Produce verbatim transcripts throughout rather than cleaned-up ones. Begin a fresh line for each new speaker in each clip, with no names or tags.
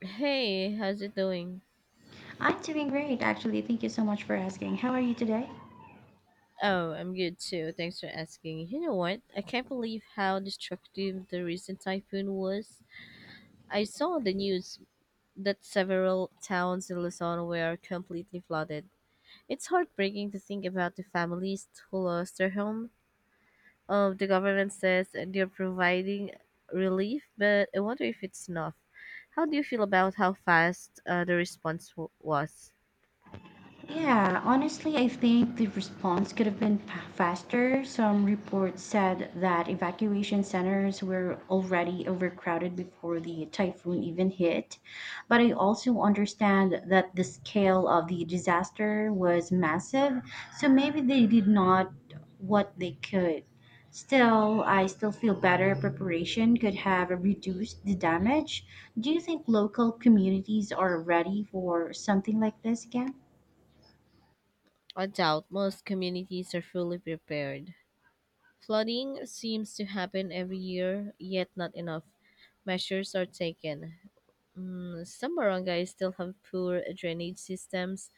Hey, how's it doing?
I'm doing great, actually. Thank you so much for asking. How are you today?
Oh, I'm good too. Thanks for asking. You know what? I can't believe how destructive the recent typhoon was. I saw on the news that several towns in Luzon were completely flooded. It's heartbreaking to think about the families who lost their home. Um, the government says they're providing relief, but I wonder if it's enough. How do you feel about how fast uh, the response w- was?
Yeah, honestly, I think the response could have been fa- faster. Some reports said that evacuation centers were already overcrowded before the typhoon even hit. But I also understand that the scale of the disaster was massive, so maybe they did not what they could. Still, I still feel better preparation could have reduced the damage. Do you think local communities are ready for something like this again?
I doubt most communities are fully prepared. Flooding seems to happen every year, yet not enough measures are taken. Mm, some barangays still have poor drainage systems,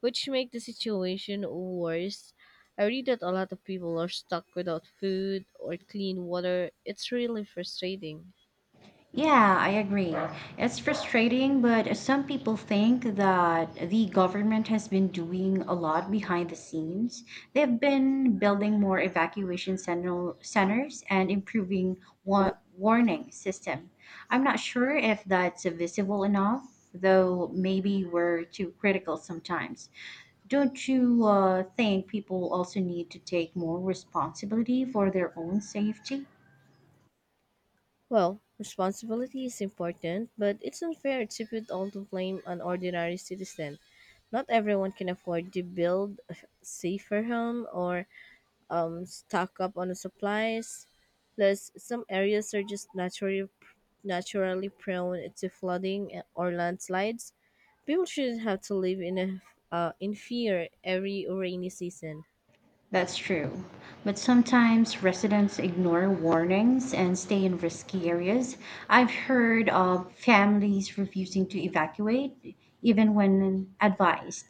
which make the situation worse. I read that a lot of people are stuck without food or clean water. It's really frustrating.
Yeah, I agree. It's frustrating, but some people think that the government has been doing a lot behind the scenes. They've been building more evacuation center, centers and improving wa- warning system. I'm not sure if that's visible enough, though maybe we're too critical sometimes. Don't you uh, think people also need to take more responsibility for their own safety?
Well, responsibility is important, but it's unfair to put all the blame on ordinary citizen. Not everyone can afford to build a safer home or um, stock up on the supplies. Plus, some areas are just naturally naturally prone to flooding or landslides. People shouldn't have to live in a uh, in fear every rainy season.
That's true. But sometimes residents ignore warnings and stay in risky areas. I've heard of families refusing to evacuate even when advised.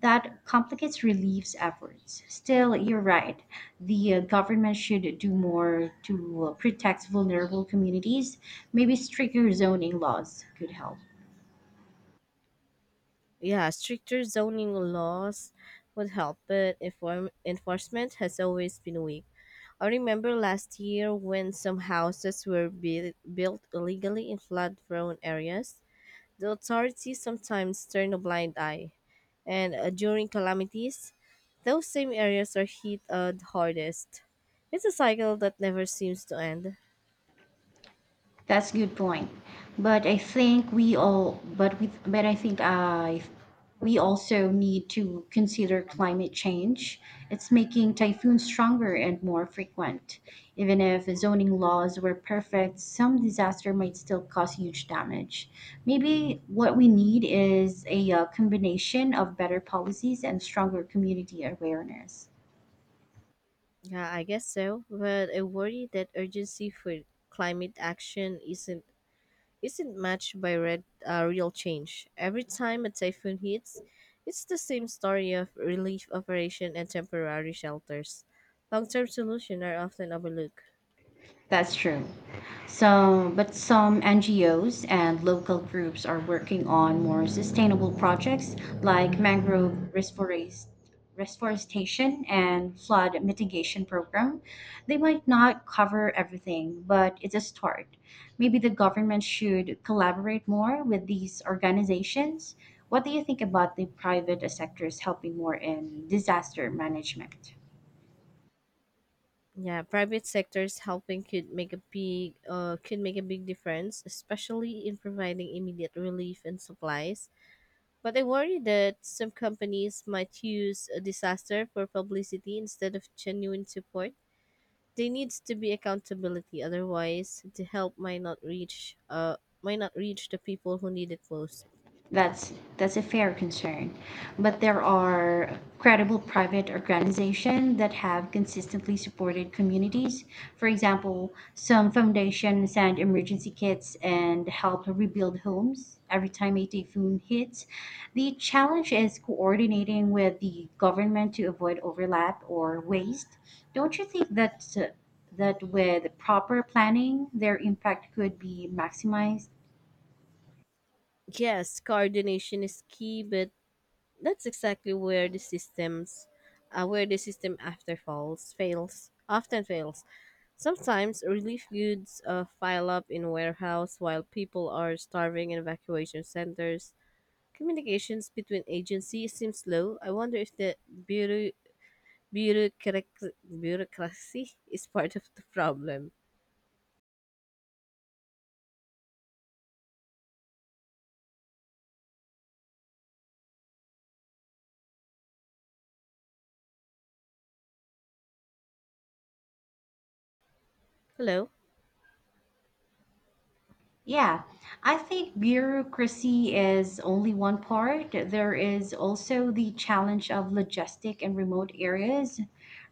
That complicates relief efforts. Still, you're right. The uh, government should do more to uh, protect vulnerable communities. Maybe stricter zoning laws could help.
Yeah, stricter zoning laws would help, but inform- enforcement has always been weak. I remember last year when some houses were built built illegally in flood-prone areas. The authorities sometimes turn a blind eye, and uh, during calamities, those same areas are hit uh, the hardest. It's a cycle that never seems to end.
That's good point. But I think we all, but we, but I think I, We also need to consider climate change. It's making typhoons stronger and more frequent. Even if zoning laws were perfect, some disaster might still cause huge damage. Maybe what we need is a uh, combination of better policies and stronger community awareness.
Yeah, I guess so. But I worry that urgency for climate action isn't isn't matched by red, uh, real change. Every time a typhoon hits, it's the same story of relief operation and temporary shelters. Long-term solutions are often overlooked.
That's true. So, but some N G Os and local groups are working on more sustainable projects like mangrove reforest- reforestation and flood mitigation program. They might not cover everything, but it's a start. Maybe the government should collaborate more with these organizations. What do you think about the private sectors helping more in disaster management?
Yeah, private sectors helping could make a big uh, could make a big difference, especially in providing immediate relief and supplies. But I worry that some companies might use a disaster for publicity instead of genuine support. There needs to be accountability, otherwise the help might not reach uh might not reach the people who need it most.
That's that's a fair concern. But there are credible private organizations that have consistently supported communities. For example, some foundations send emergency kits and help rebuild homes every time a typhoon hits. The challenge is coordinating with the government to avoid overlap or waste. Don't you think that that with proper planning, their impact could be maximized?
Yes, coordination is key, but that's exactly where the systems uh, where the system after falls fails often fails. Sometimes relief goods uh, pile up in warehouse while people are starving in evacuation centers. Communications between agencies seem slow. I wonder if the bureau- bureaucrac- bureaucracy is part of the problem. Hello,
Yeah, I think bureaucracy is only one part. There is also the challenge of logistic and remote areas.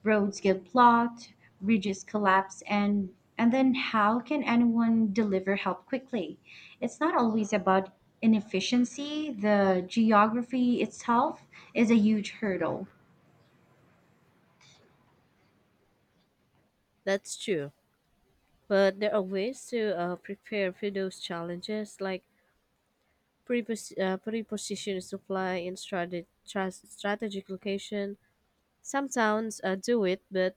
Roads get blocked, bridges collapse, and and then how can anyone deliver help quickly? It's not always about inefficiency. The geography itself is a huge hurdle.
that's true. But there are ways to uh, prepare for those challenges, like prepos- uh, preposition supply in strate- tra- strategic location. Some towns uh, do it, but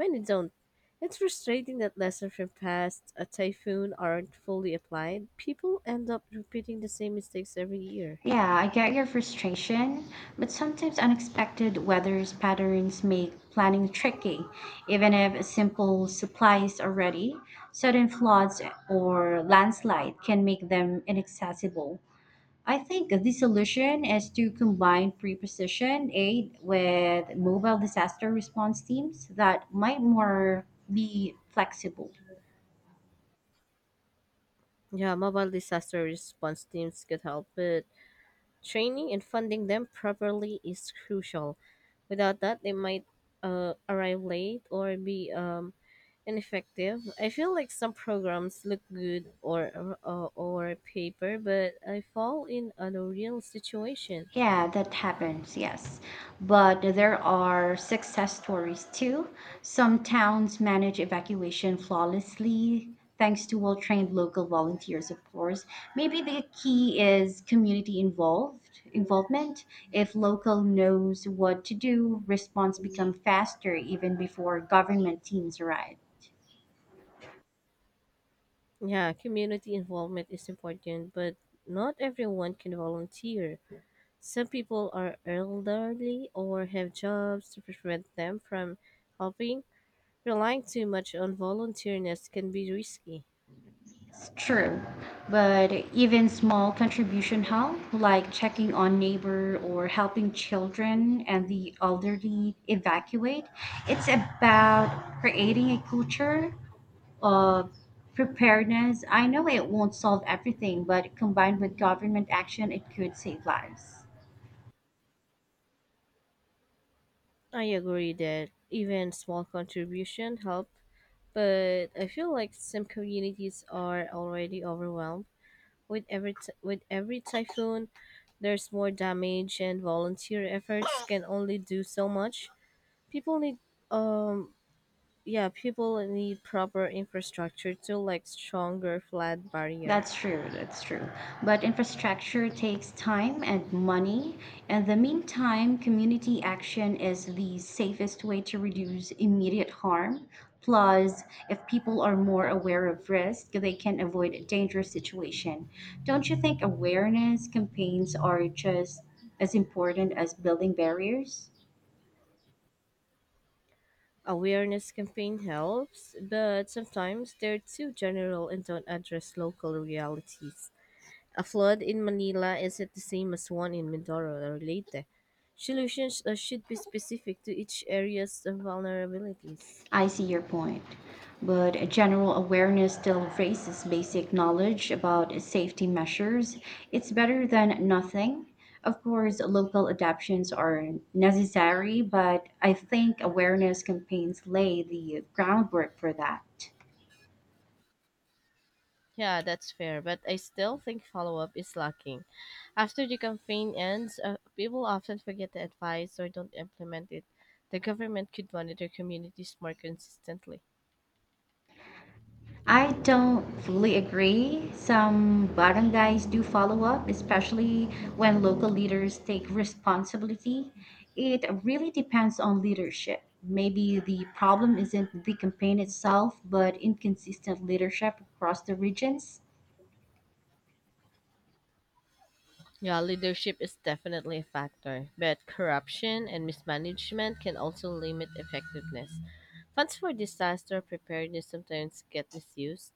many don't. It's frustrating that lessons from past a typhoon aren't fully applied. People end up repeating the same mistakes every year.
Yeah, I get your frustration, but sometimes unexpected weather patterns make planning tricky. Even if simple supplies are ready, sudden floods or landslide can make them inaccessible. I think the solution is to combine pre-position aid with mobile disaster response teams that might more be flexible.
Yeah, mobile disaster response teams could help, but training and funding them properly is crucial. Without that, they might uh, arrive late or be um, ineffective. I feel like some programs look good or uh, or paper, but I fall in a real situation.
Yeah, that happens, yes. But there are success stories too. Some towns manage evacuation flawlessly, thanks to well trained local volunteers, of course. Maybe the key is community involved involvement. If local knows what to do, response become faster even before government teams arrive.
Yeah, community involvement is important, but not everyone can volunteer. Some people are elderly or have jobs to prevent them from helping. Relying too much on volunteerness can be risky.
It's true, but even small contribution help, like checking on neighbor or helping children and the elderly evacuate. It's about creating a culture of preparedness. I know it won't solve everything, but combined with government action, it could save lives.
I agree that even small contribution help, but I feel like some communities are already overwhelmed with every t- with every typhoon. There's more damage and volunteer efforts can only do so much. People need um yeah, people need proper infrastructure too, like stronger flood barrier.
That's true, that's true. But infrastructure takes time and money. In the meantime, community action is the safest way to reduce immediate harm. Plus, if people are more aware of risk, they can avoid a dangerous situation. Don't you think awareness campaigns are just as important as building barriers?
Awareness campaign helps, but sometimes they're too general and don't address local realities. A flood in Manila isn't the same as one in Mindoro or Leyte. Solutions uh, should be specific to each area's vulnerabilities.
I see your point, but a general awareness still raises basic knowledge about safety measures. It's better than nothing. Of course, local adaptations are necessary, but I think awareness campaigns lay the groundwork for that.
Yeah, that's fair, but I still think follow-up is lacking. After the campaign ends, uh, people often forget the advice or don't implement it. The government could monitor communities more consistently.
I don't fully agree. Some barangays do follow up, especially when local leaders take responsibility. It really depends on leadership. Maybe the problem isn't the campaign itself, but inconsistent leadership across the regions.
Yeah, leadership is definitely a factor, but corruption and mismanagement can also limit effectiveness. Funds for disaster preparedness sometimes get misused.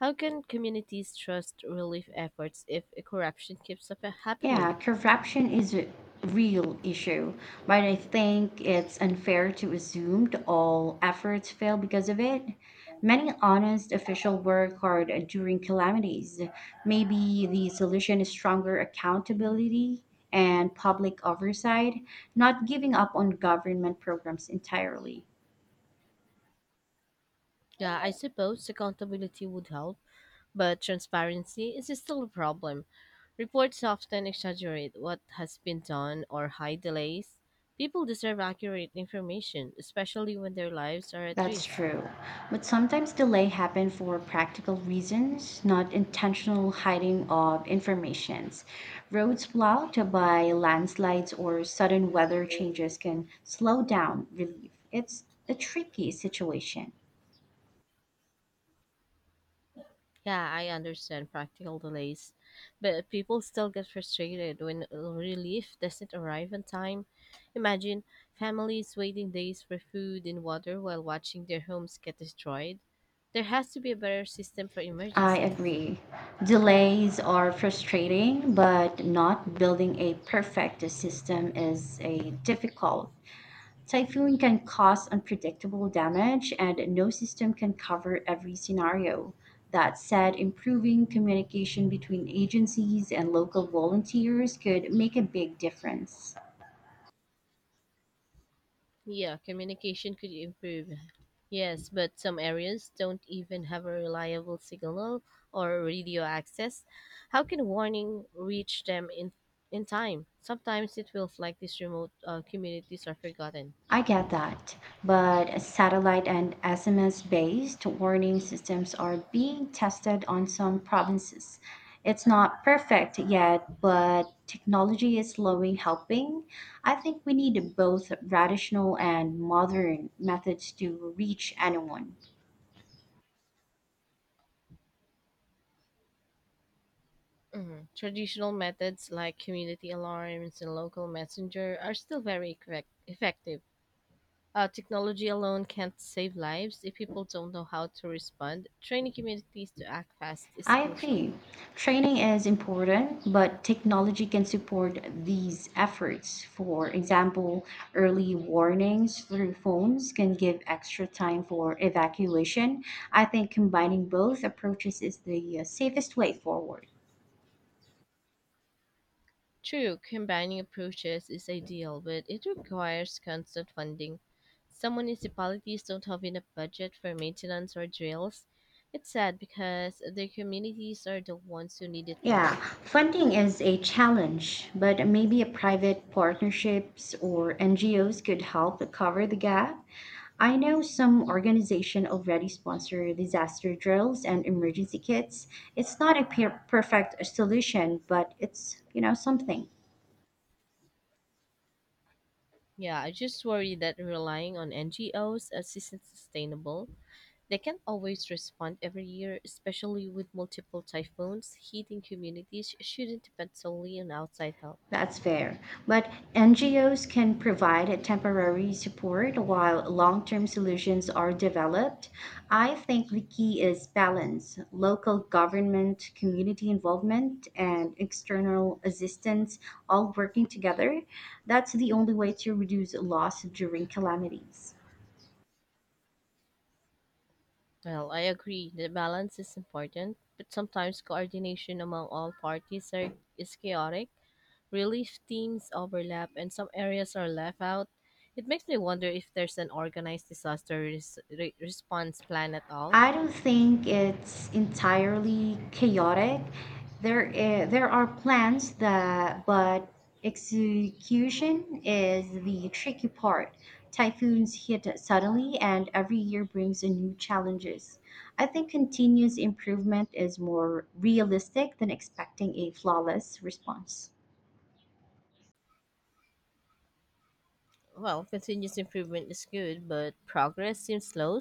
How can communities trust relief efforts if corruption keeps up uh, happening?
Yeah, corruption is a real issue, but I think it's unfair to assume that all efforts fail because of it. Many honest officials work hard during calamities. Maybe the solution is stronger accountability and public oversight, not giving up on government programs entirely.
Yeah, I suppose accountability would help, but transparency is still a problem. Reports often exaggerate what has been done or hide delays. People deserve accurate information, especially when their lives are at
That's
risk.
true. But sometimes delay happen for practical reasons, not intentional hiding of informations. Roads blocked by landslides or sudden weather changes can slow down relief. It's a tricky situation.
Yeah, I understand practical delays, but people still get frustrated when relief doesn't arrive on time. Imagine families waiting days for food and water while watching their homes get destroyed. There has to be a better system for
I
emergencies.
agree. Delays are frustrating, but not building a perfect system is a difficult. Typhoon can cause unpredictable damage, and no system can cover every scenario. That said, improving communication between agencies and local volunteers could make a big difference.
Yeah, communication could improve. Yes, but some areas don't even have a reliable signal or radio access. How can warning reach them in in time? Sometimes it feels like these remote uh, communities are forgotten.
I get that, but satellite and S M S based warning systems are being tested on some provinces. It's not perfect yet, but technology is slowly helping. I think we need both traditional and modern methods to reach anyone.
Mhm. Traditional methods like community alarms and local messenger are still very correct, effective. Uh, technology alone can't save lives if people don't know how to respond. Training communities to act fast is
I
crucial.
agree. Training is important, but technology can support these efforts. For example, early warnings through phones can give extra time for evacuation. I think combining both approaches is the uh, safest way forward.
True, combining approaches is ideal, but it requires constant funding. Some municipalities don't have enough budget for maintenance or drills. It's sad because their communities are the ones who need it
Yeah,
most.
funding is a challenge, but maybe a private partnerships or N G Os could help cover the gap. I know some organization already sponsor disaster drills and emergency kits. It's not a per- perfect solution, but it's, you know, something.
Yeah, I just worry that relying on N G Os as isn't sustainable. They can't always respond every year, especially with multiple typhoons. Heating communities shouldn't depend solely on outside help.
That's fair. But N G Os can provide a temporary support while long term solutions are developed. I think the key is balance local government, community involvement, and external assistance all working together. That's the only way to reduce loss during calamities.
Well, I agree that balance is important, but sometimes coordination among all parties are, is chaotic. Relief teams overlap, and some areas are left out. It makes me wonder if there's an organized disaster res- re- response plan at all.
I don't think it's entirely chaotic. There, i- there are plans that, but execution is the tricky part. Typhoons hit suddenly, and every year brings a new challenges. I think continuous improvement is more realistic than expecting a flawless response.
Well, continuous improvement is good, but progress seems slow.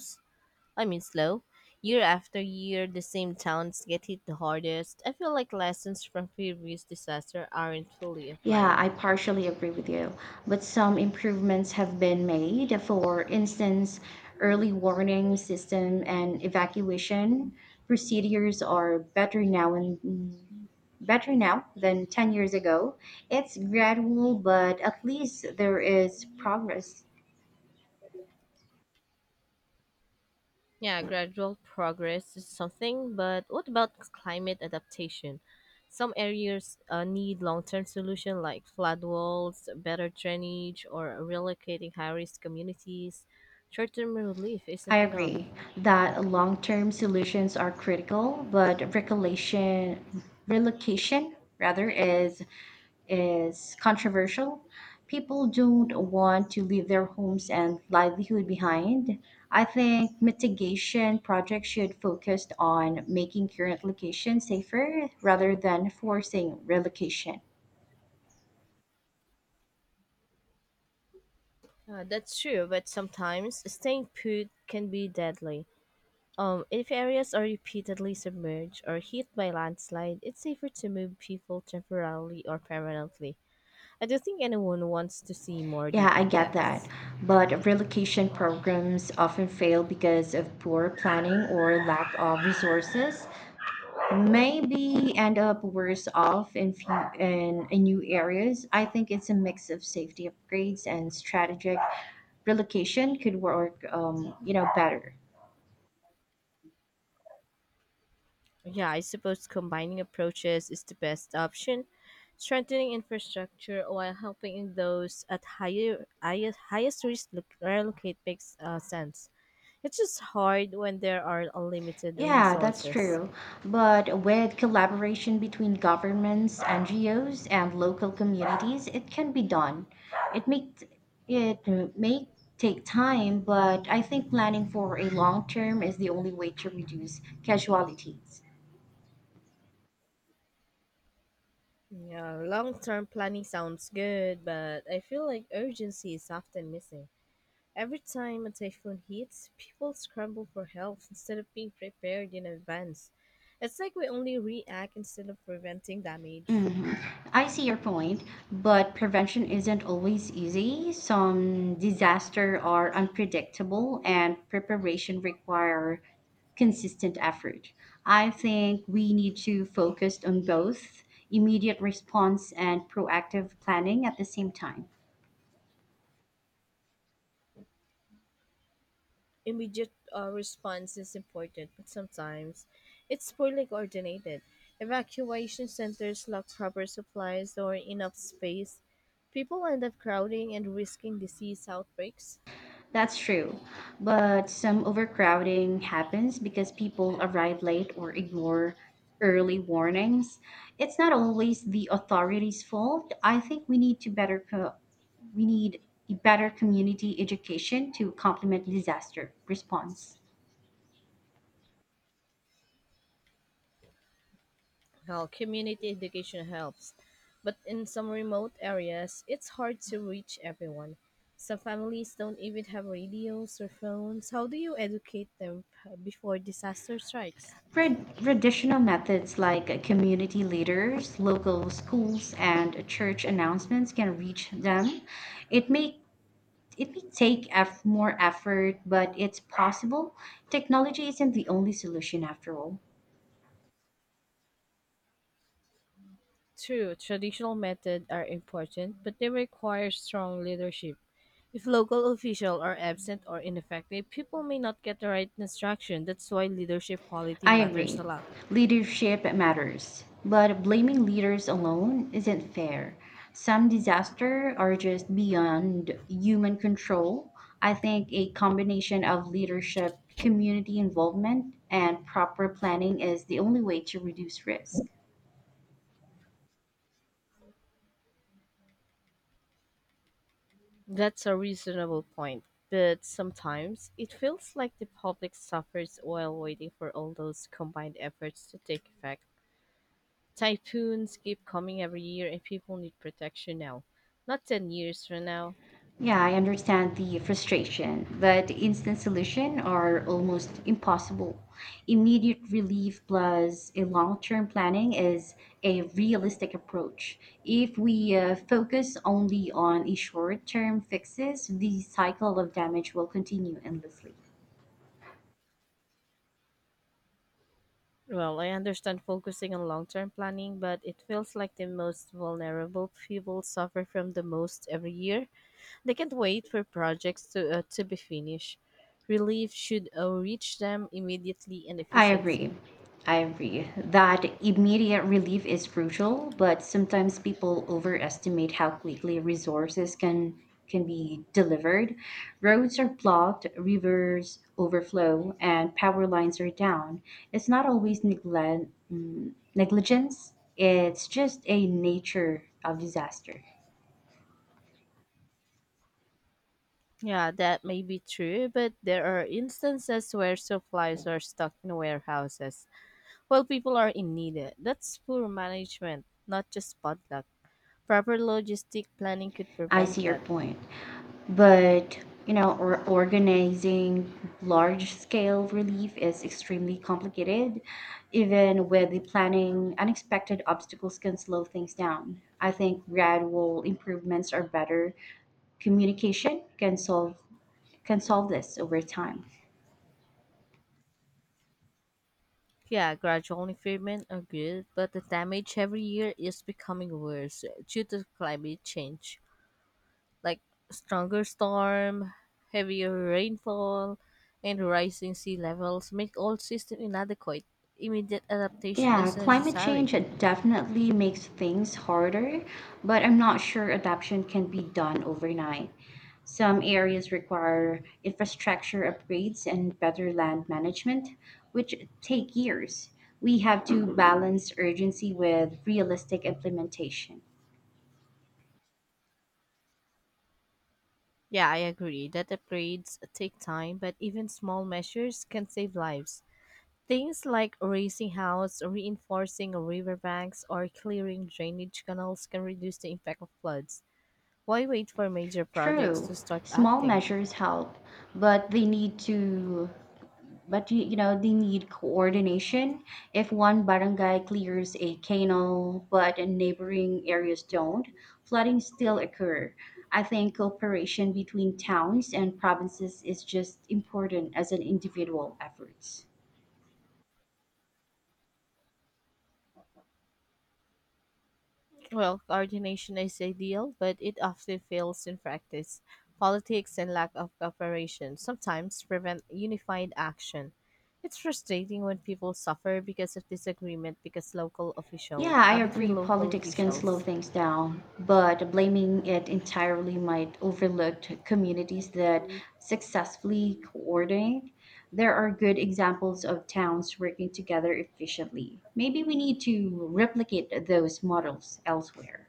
I mean, slow. Year after year, the same towns get hit the hardest. I feel like lessons from previous disaster aren't fully
Yeah,
applied.
I partially agree with you, but some improvements have been made. For instance, early warning system and evacuation procedures are better now and better now than ten years ago. It's gradual, but at least there is progress.
Yeah, gradual progress is something, but what about climate adaptation? Some areas uh, need long-term solution like flood walls, better drainage, or relocating high-risk communities. Short-term relief
I
isn't enough.
agree that long-term solutions are critical, but relocation relocation rather is is controversial. People don't want to leave their homes and livelihood behind. I think mitigation projects should focus on making current locations safer rather than forcing relocation.
Uh, that's true, but sometimes staying put can be deadly. Um, if areas are repeatedly submerged or hit by landslide, it's safer to move people temporarily or permanently. I don't think anyone wants to see more
Yeah,
de-
I get that.
deaths.
But relocation programs often fail because of poor planning or lack of resources. Maybe end up worse off in few, in, in new areas. I think it's a mix of safety upgrades and strategic relocation could work, um, you know, better.
Yeah, I suppose combining approaches is the best option, strengthening infrastructure while helping those at higher, highest, highest risk lo- relocate makes uh, sense. It's just hard when there are unlimited
Yeah, that's
resources.
true. But with collaboration between governments, N G Os, and local communities, it can be done. It may it may take time, but I think planning for a long term is the only way to reduce casualties.
Yeah, long term planning sounds good, but I feel like urgency is often missing. Every time a typhoon hits, people scramble for help instead of being prepared in advance. It's like we only react instead of preventing damage.
hmm I see your point, but prevention isn't always easy. Some disaster are unpredictable, and preparation require consistent effort. I think we need to focus on both immediate response and proactive planning at the same time.
Immediate uh, response is important, but sometimes it's poorly coordinated. Evacuation centers lack proper supplies or enough space. People end up crowding and risking disease outbreaks.
That's true. But some overcrowding happens because people arrive late or ignore early warnings. It's not always the authorities' fault. I think we need to better co- we need better community education to complement disaster response.
Well, community education helps, but in some remote areas, it's hard to reach everyone. Some families don't even have radios or phones. How do you educate them uh, before disaster strikes?
Trad- Traditional methods like community leaders, local schools, and church announcements can reach them. It may It may take eff- more effort, but it's possible. Technology isn't the only solution after all.
True, traditional methods are important, but they require strong leadership. If local officials are absent or ineffective, people may not get the right instruction. That's why leadership quality
I
matters
agree.
a lot.
Leadership matters, but blaming leaders alone isn't fair. Some disasters are just beyond human control. I think a combination of leadership, community involvement, and proper planning is the only way to reduce risk.
That's a reasonable point. But sometimes it feels like the public suffers while waiting for all those combined efforts to take effect. Typhoons keep coming every year, and people need protection now, not ten years from now.
Yeah, I understand the frustration, but instant solution are almost impossible. Immediate relief plus a long-term planning is a realistic approach. If we uh, focus only on a short-term fixes, the cycle of damage will continue endlessly.
Well, I understand focusing on long term planning, but it feels like the most vulnerable people suffer from the most every year. They can't wait for projects to, uh, to be finished. Relief should uh, reach them immediately and
I
efficiency.
agree. I agree that immediate relief is crucial, but sometimes people overestimate how quickly resources can can be delivered. Roads are blocked, rivers overflow, and power lines are down. It's not always neglect, mm, negligence. It's just a nature of disaster.
Yeah, that may be true, but there are instances where supplies are stuck in warehouses while people are in need. That's poor management, not just bad luck. Proper logistic planning could
I
prevent
see your
that.
point. But you know, or organizing large-scale relief is extremely complicated. Even with the planning, unexpected obstacles can slow things down. I think gradual improvements are better. Communication can solve can solve this over time.
Yeah, gradual impairment are good, but the damage every year is becoming worse due to climate change, like stronger storm, heavier rainfall, and rising sea levels make all system inadequate. Immediate adaptation
Yeah,
is
climate
necessary.
change it definitely makes things harder, but I'm not sure adaptation can be done overnight. Some areas require infrastructure upgrades and better land management, which take years. We have to balance urgency with realistic implementation.
Yeah, I agree that upgrades take time, but even small measures can save lives. Things like raising house, reinforcing riverbanks, or clearing drainage canals can reduce the impact of floods. Why wait for major projects to
True,
start
small
acting?
measures help, but they need to but you, you know they need coordination. If one barangay clears a canal but neighboring areas don't, flooding still occur. I think cooperation between towns and provinces is just important as an individual efforts.
Well, coordination is ideal, but it often fails in practice. Politics and lack of cooperation sometimes prevent unified action. It's frustrating when people suffer because of disagreement because local official
Yeah,
uh,
I
between
agree
local
politics can slow
officials.
things down, but blaming it entirely might overlook communities that successfully coordinate. There are good examples of towns working together efficiently. Maybe we need to replicate those models elsewhere.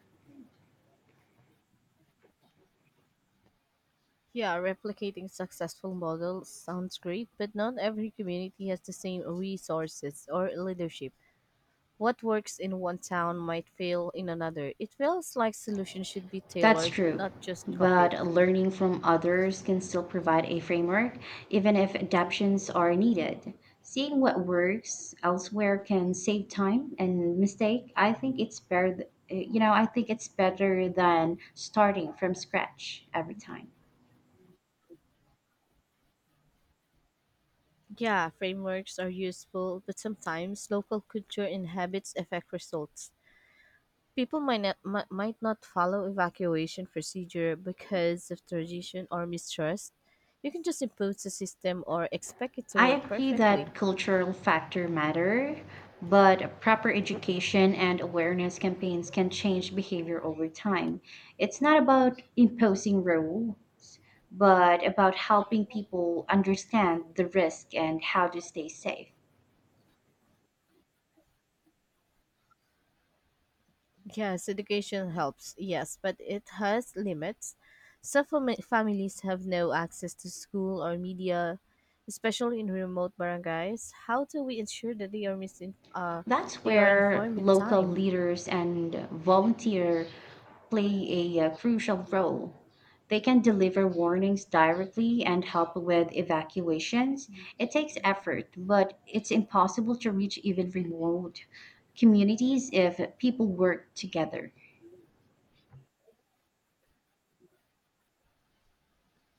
Yeah, replicating successful models sounds great, but not every community has the same resources or leadership. What works in one town might fail in another. It feels like solutions should be
That's
tailored,
true,
not just copied.
but learning from others can still provide a framework, even if adaptations are needed. Seeing what works elsewhere can save time and mistake. I think it's better, th- you know, I think it's better than starting from scratch every time.
Yeah, frameworks are useful, but sometimes local culture and habits affect results. People might not, mi- might not follow evacuation procedure because of tradition or mistrust. You can just impose a system or expect it to
I
work
agree
perfectly.
that cultural factor matter, but proper education and awareness campaigns can change behavior over time. It's not about imposing rules, but about helping people understand the risk and how to stay safe.
Yes, education helps, yes, but it has limits. Some fami- families have no access to school or media, especially in remote barangays. How do we ensure that they are misin- uh,
That's
they are
where
informed in
local
time?
leaders and volunteer play a uh, crucial role. They can deliver warnings directly and help with evacuations. It takes effort, but it's impossible to reach even remote communities if people work together.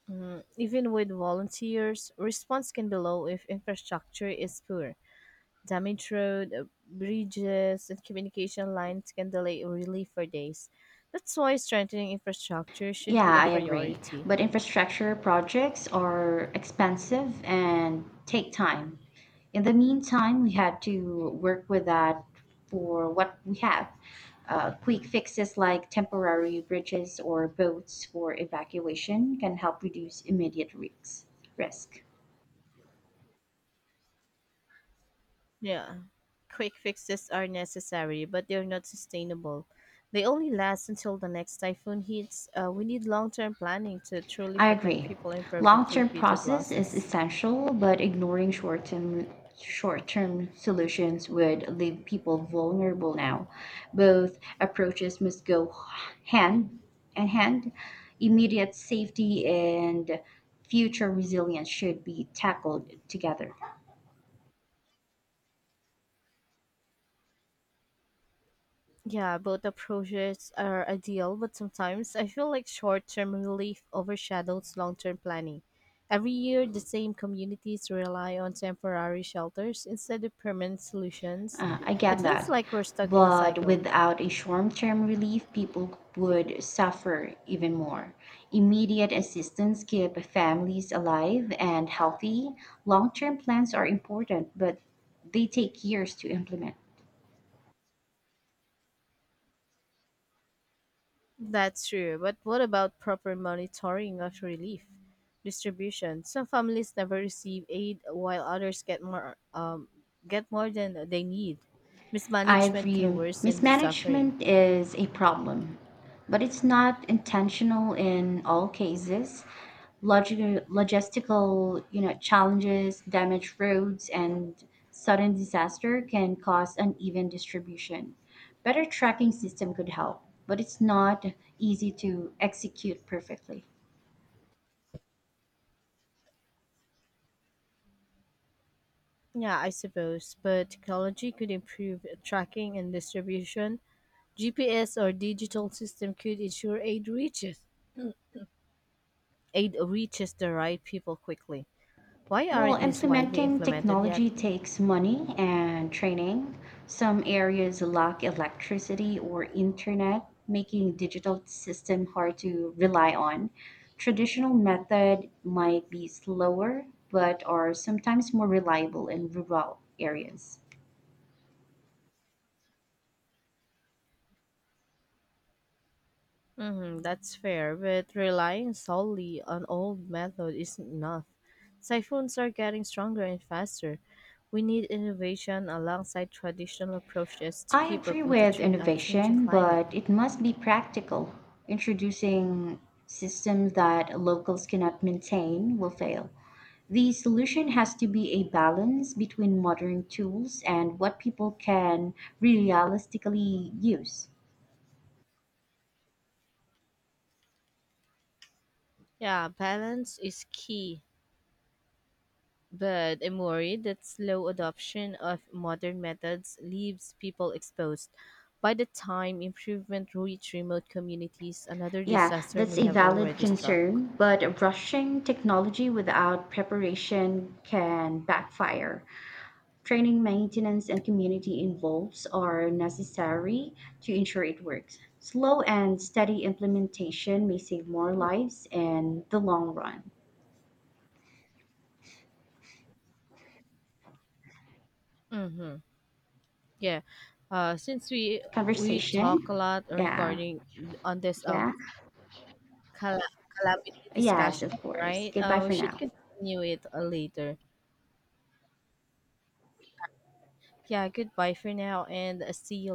Mm, even with volunteers, response can be low if infrastructure is poor. Damaged road, uh, bridges, and communication lines can delay relief for days. That's why strengthening infrastructure should
Yeah,
be a
I agree.
priority.
But infrastructure projects are expensive and take time. In the meantime, we have to work with that for what we have. Uh, quick fixes like temporary bridges or boats for evacuation can help reduce immediate risks. Risk.
Yeah. Quick fixes are necessary, but they're not sustainable. They only last until the next typhoon hits. Uh, we need long term planning to truly
I
protect
agree.
people and prevent
Long-term
repeated
process is
losses.
essential, but ignoring short-term short-term solutions would leave people vulnerable now. Both approaches must go hand in hand. Immediate safety and future resilience should be tackled together.
Yeah, both approaches are ideal, but sometimes I feel like short term relief overshadows long term planning. Every year, the same communities rely on temporary shelters instead of permanent solutions.
Uh, I
It
get
feels
that.
like we're stuck in a
But
cycle.
without a short term relief, people would suffer even more. Immediate assistance keep families alive and healthy. Long term plans are important, but they take years to implement.
That's true, but what about proper monitoring of relief distribution? Some families never receive aid while others get more um get more than they need.
I
Mismanagement can
agree.
worsen the suffering.
Mismanagement is a problem, but it's not intentional in all cases. Logi- logistical, you know, challenges, damaged roads, and sudden disaster can cause uneven distribution. Better tracking system could help, but it's not easy to execute perfectly.
Yeah, I suppose, but technology could improve tracking and distribution. G P S or digital system could ensure aid reaches aid reaches the right people quickly. Why
Well,
aren't these widely
implementing
implemented yet?
technology takes money and training. Some areas lack electricity or internet, making digital system hard to rely on. Traditional method might be slower, but are sometimes more reliable in rural areas.
Hmm, that's fair, but relying solely on old method isn't enough. Typhoons are getting stronger and faster. We need innovation alongside traditional approaches to
I
keep
agree
up with the
with
tr uh, changing
innovation,
climate.
but it must be practical. Introducing systems that locals cannot maintain will fail. The solution has to be a balance between modern tools and what people can realistically use.
Yeah, balance is key, but I'm worried that slow adoption of modern methods leaves people exposed. By the time improvement reach remote communities, another
Yeah,
disaster
that's
may
a
have
valid
already struck.
concern, but rushing technology without preparation can backfire. Training, maintenance, and community involves are necessary to ensure it works. Slow and steady implementation may save more lives in the long run.
Mm-hmm. Yeah. Uh, since we we
Conversation.
talk a lot
Yeah,
regarding on this um
yeah.
cal- calamity
Yes,
discussion,
of course.
right?
Goodbye
Uh, we
for
should
now.
continue it uh, later. Yeah. Goodbye for now, and uh, see you